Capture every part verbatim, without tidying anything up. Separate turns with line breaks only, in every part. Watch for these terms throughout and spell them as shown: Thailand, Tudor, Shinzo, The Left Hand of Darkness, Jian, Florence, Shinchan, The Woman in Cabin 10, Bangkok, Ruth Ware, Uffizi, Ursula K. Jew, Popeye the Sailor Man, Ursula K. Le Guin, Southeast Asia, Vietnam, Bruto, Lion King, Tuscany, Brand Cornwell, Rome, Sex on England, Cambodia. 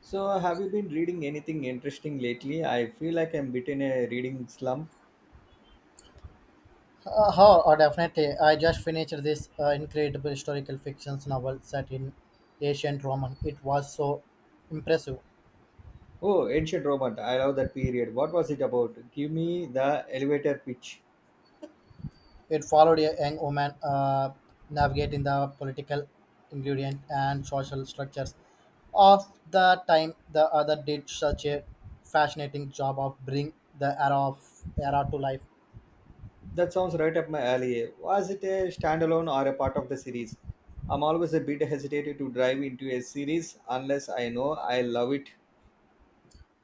So, have you been reading anything interesting lately? I feel like I'm bit in a reading slump.
Uh, oh, oh, Definitely. I just finished this uh, incredible historical fiction novel set in ancient Roman. It was so impressive.
Oh, Ancient Roman. I love that period. What was it about? Give me the elevator pitch.
It followed a young woman uh, navigating the political ingredient and social structures of the time. The other did such a fascinating job of bring the era of era to life.
That sounds right up my alley. Was it a standalone or a part of the series? I'm always a bit hesitant to dive into a series unless I know I love it.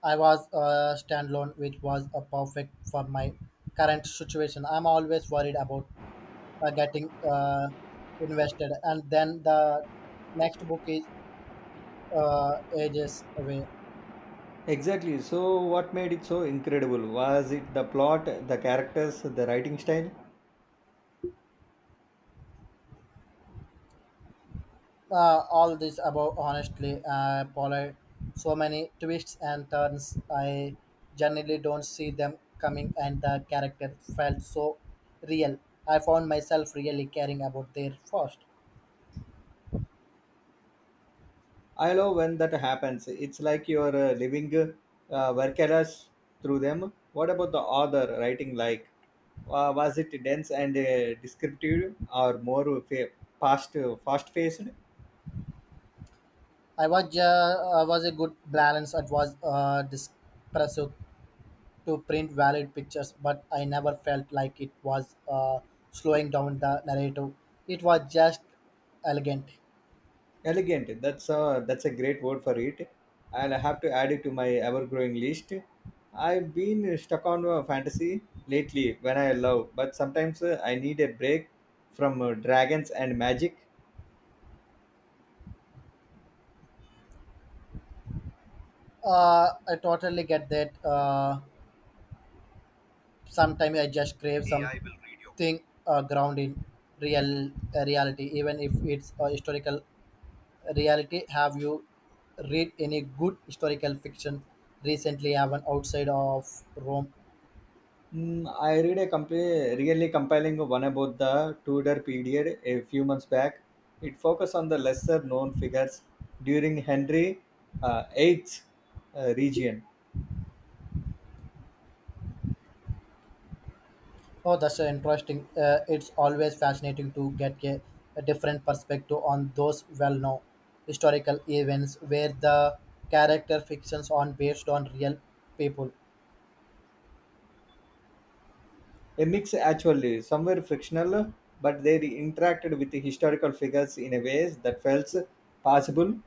I was uh, standalone, which was a perfect for my current situation. I'm always worried about uh, getting uh, invested, and then the next book is uh, ages away,
Exactly. So, what made it so incredible? Was it the plot, the characters, the writing style?
uh, all this about honestly, uh, Paula, so many twists and turns. I generally don't see them coming, and the character felt so real. I found myself really caring about their first.
I love when that happens. It's like you're uh, living uh, workeras through them. What about the author writing like? Wa was it dense and uh, descriptive or more fa- fast, fast-paced?
I was uh, I was a good balance. It was uh, depressive to print valid pictures, but I never felt like it was uh, slowing down the narrative. It was just elegant.
Elegant. That's a, that's a great word for it. I'll have to add it to my ever-growing list. I've been stuck on uh, fantasy lately when I love, but sometimes uh, I need a break from uh, dragons and magic.
Uh, I totally get that. Uh, sometimes I just crave, hey, something uh, ground in real uh, reality, even if it's a historical reality. Have you read any good historical fiction recently, even outside of Rome?
Mm, I read a compa- really compelling one about the Tudor period a few months back. It focused on the lesser known figures during Henry uh, the Eighth's uh, region.
Oh, that's uh, interesting. Uh, it's always fascinating to get a, a different perspective on those well-known historical events where the character fictions are based on real people.
A mix, actually, somewhere fictional, but they interacted with the historical figures in a ways that felt possible.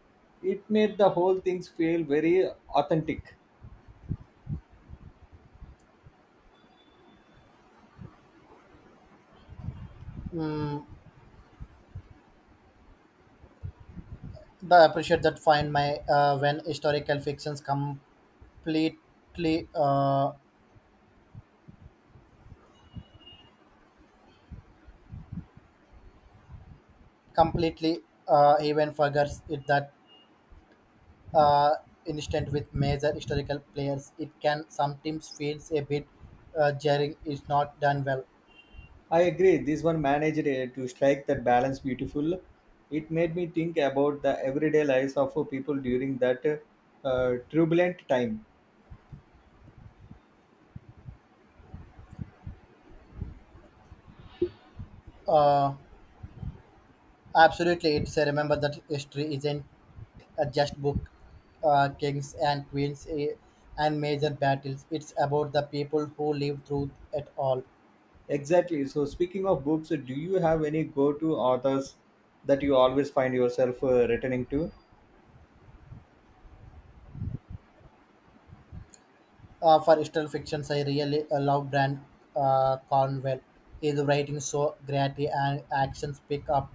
It made the whole things feel very authentic.
Mm, I appreciate that find my uh, when historical fictions completely uh, completely uh, even forgets it that uh, instant with major historical players. It can sometimes feels a bit uh, jarring. It's not done well.
I agree. This one managed uh, to strike that balance beautiful. It made me think about the everyday lives of uh, people during that uh, turbulent time.
Uh, Absolutely, it's uh, remember that history isn't uh, just book, uh, kings and queens, eh, and major battles. It's about the people who lived through it all.
Exactly. So, speaking of books, do you have any go-to authors that you always find yourself uh, returning to?
Uh, for historical fictions, I really uh, love Brand uh, Cornwell. His writing so gritty and actions pick up,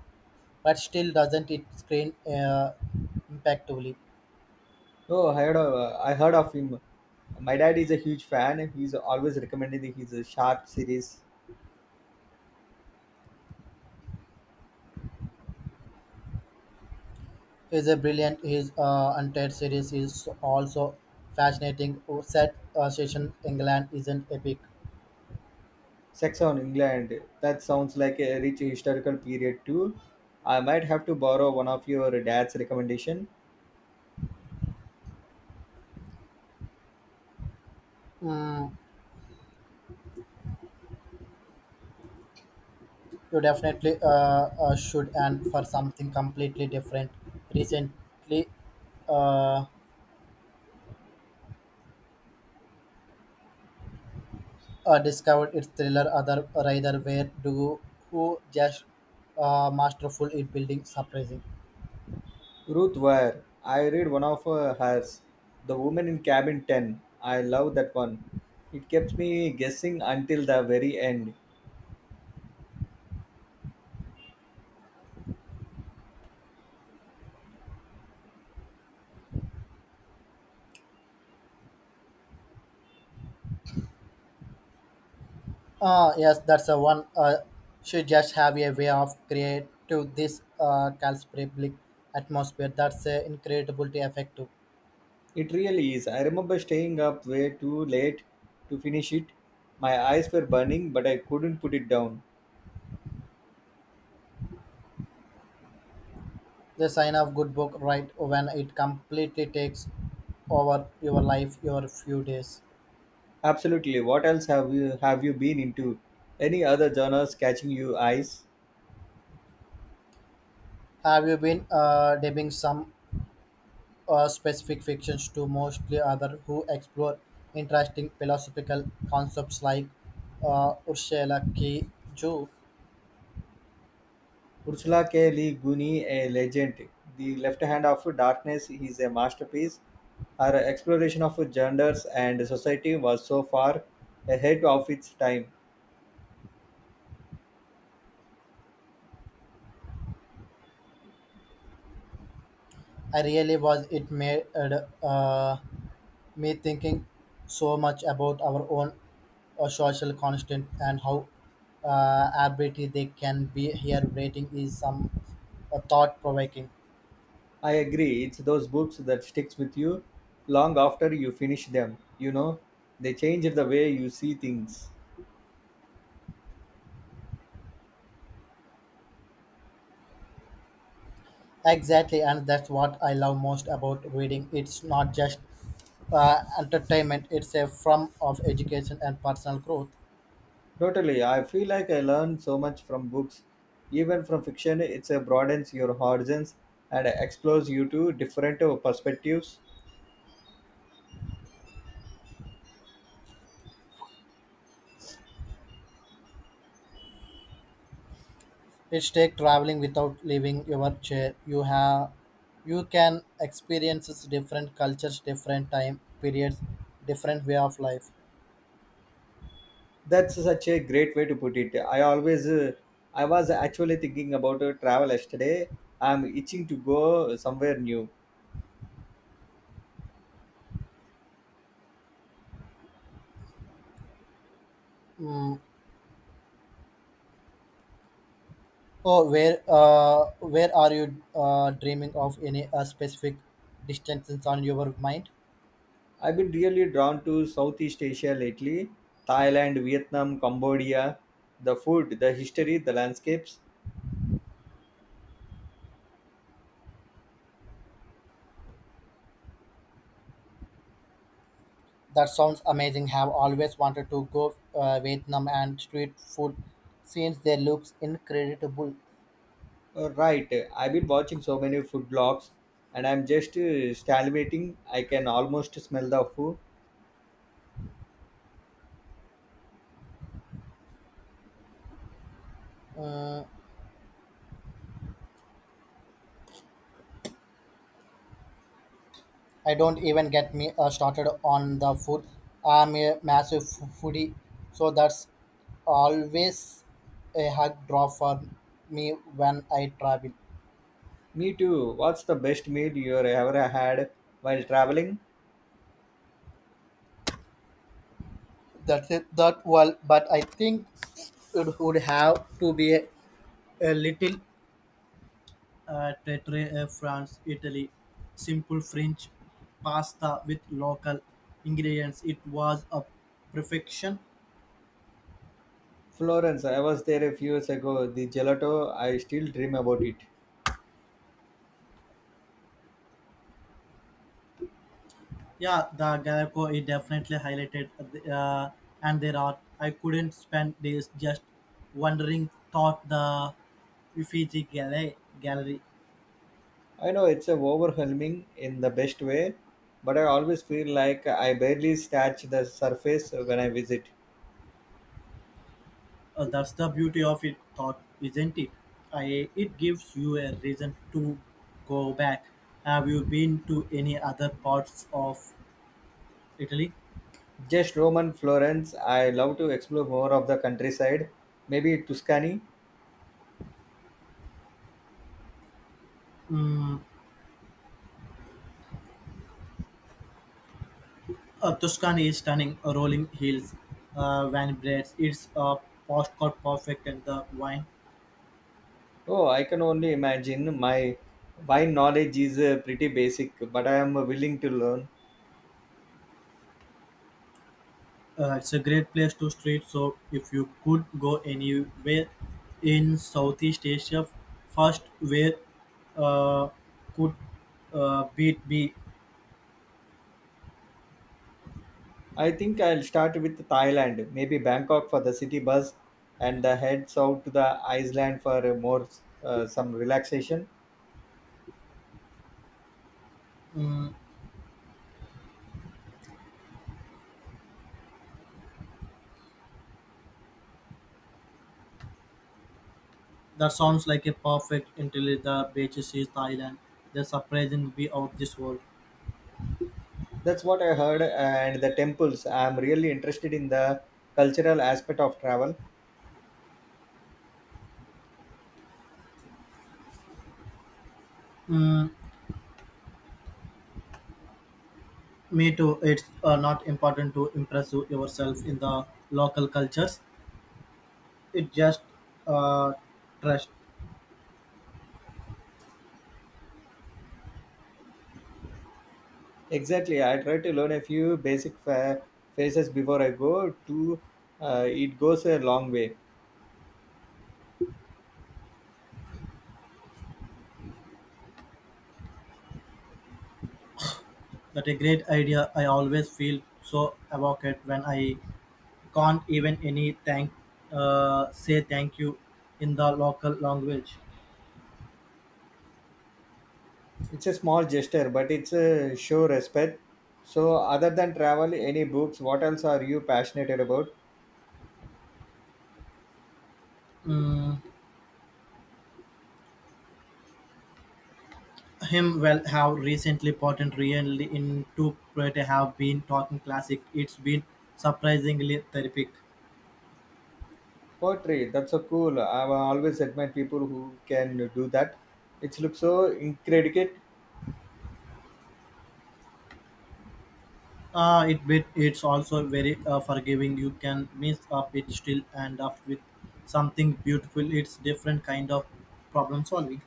but still doesn't it screen uh, impactfully.
Oh, I heard of, I heard of him. My dad is a huge fan. He's always recommending his uh, Sharp series.
He's a brilliant. His uh, entire series is also fascinating. Set uh, session England isn't epic.
Sex on England. That sounds like a rich historical period too. I might have to borrow one of your dad's recommendation.
Mm, you definitely uh, uh, should, and for something completely different. Recently, uh, uh, discovered its thriller other rather where do who just uh, masterful in building surprising.
Ruth Ware. I read one of uh, hers, The Woman in Cabin ten. I love that one. It kept me guessing until the very end.
Ah, yes, that's the one. Uh, she just have a way of create to this uh, calcific atmosphere. That's uh, incredibly effective.
It really is. I remember staying up way too late to finish it. My eyes were burning, but I couldn't put it down.
The sign of good book, right? When it completely takes over your life, your few days.
Absolutely. What else have you have you been into? Any other genres catching your eyes?
Have you been uh, debating some uh, specific fictions to mostly other who explore interesting philosophical concepts like uh, Ursula K. Jew?
Ursula K. Le Guin, a legend. The Left Hand of Darkness is a masterpiece. Her exploration of genders and society was so far ahead of its time.
I really was it made uh, me thinking so much about our own uh, social constant and how uh, arbitrary they can be. Here, rating is some uh, thought provoking.
I agree, it's those books that sticks with you long after you finish them. You know, they change the way you see things.
Exactly, and that's what I love most about reading. It's not just uh, entertainment; it's a form of education and personal growth.
Totally, I feel like I learn so much from books. Even from fiction, it broadens your horizons and explores you to different perspectives.
It's take traveling without leaving your chair. You have, you can experience different cultures, different time periods, different way of life.
That's such a great way to put it. I always, uh, I was actually thinking about uh, travel yesterday. I'm itching to go somewhere new.
Mm, oh, where uh, where are you uh, dreaming of? Any uh, specific distances on your mind?
I've been really drawn to Southeast Asia lately Thailand, Vietnam, Cambodia. The food, the history, the landscapes.
That sounds amazing. Have always wanted to go uh, Vietnam, and street food scenes there looks incredible.
Uh, Right, I've been watching so many food blogs and I'm just uh, salivating. I can almost smell the food.
Mm, I don't even get me uh, started on the food. I'm a massive f- foodie, so that's always a hard draw for me when I travel.
Me too. What's the best meal you ever had while traveling?
That's it. That well, but I think it would have to be a, a little uh, Tetre, uh, France, Italy. Simple French pasta with local ingredients. It was a perfection.
Florence, I was there a few years ago. The gelato, I still dream about it.
Yeah, the Gallico it definitely highlighted, uh, and there are I couldn't spend days just wondering thought the Uffizi gallery
I know it's a overwhelming in the best way, but I always feel like I barely scratch the surface when I visit.
or the isn't it? I if you a reason to go back. Have you been to any other parts of Italy?
Just Rome and Florence, I love to explore more of the countryside, maybe Tuscany.
Mm, Uh, Tuscany is stunning, uh, rolling hills, uh, vineyards. It's a uh, postcard perfect, and the wine.
Oh, I can only imagine my wine knowledge is uh, pretty basic, but I am willing to learn.
Uh, it's a great place to street. So if you could go anywhere in Southeast Asia first, where uh, could uh, beat be?
I think I'll start with Thailand, maybe Bangkok for the city bus, and the head south to the Iceland for a more uh, some relaxation.
That sounds like a perfect until the beaches is Thailand. The surprising be out this world.
That's what I heard, and the temples. I'm really interested in the cultural aspect of travel.
Mm, me too. It's uh, not important to impress yourself in the local cultures. It just uh, trust
Exactly, I try to learn a few basic fa- faces before I go. To uh, it goes a long way.
that a great idea. I always feel so evoked when I can't even any thank uh, say thank you in the local language.
It's a small gesture, but it's a show respect. So, other than travel, any books? What else are you passionate about?
Mm, him well have recently patent really into Prete have been talking classic. It's been surprisingly therapeutic.
Poetry, that's so cool. I've always admired people who can do that. It looks so incredible.
Uh, it bit it's also very uh, forgiving. You can mess up it still and up with something beautiful. It's different kind of problem solving.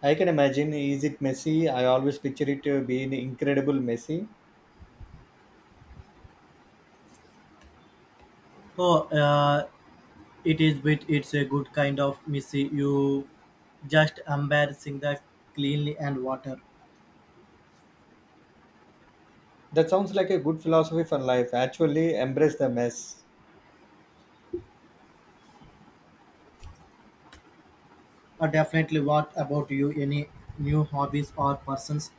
I can imagine. Is it messy? I always picture it uh, being incredible messy.
Oh, uh, it is, but it's a good kind of messy. You just embarrassing the cleanly and water.
That sounds like a good philosophy for life. Actually, embrace the mess.
Uh, definitely. What about you? Any new hobbies or persons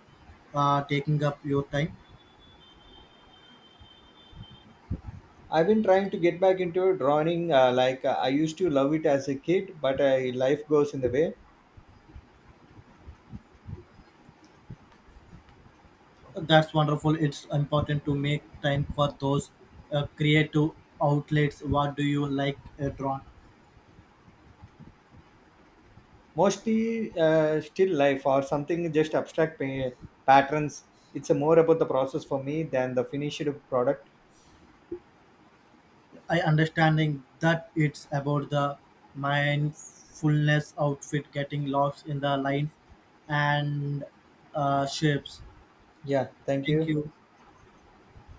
uh, taking up your time?
I've been trying to get back into drawing. Uh, like uh, I used to love it as a kid, but uh, life goes in the way.
That's wonderful. It's important to make time for those uh, creative outlets. What do you like uh, drawn?
Mostly uh, still life or something just abstract pa- patterns. It's uh, more about the process for me than the finished product.
I understanding that it's about the mindfulness outfit getting lost in the lines and uh, shapes.
Yeah, thank
Thank
you.
you.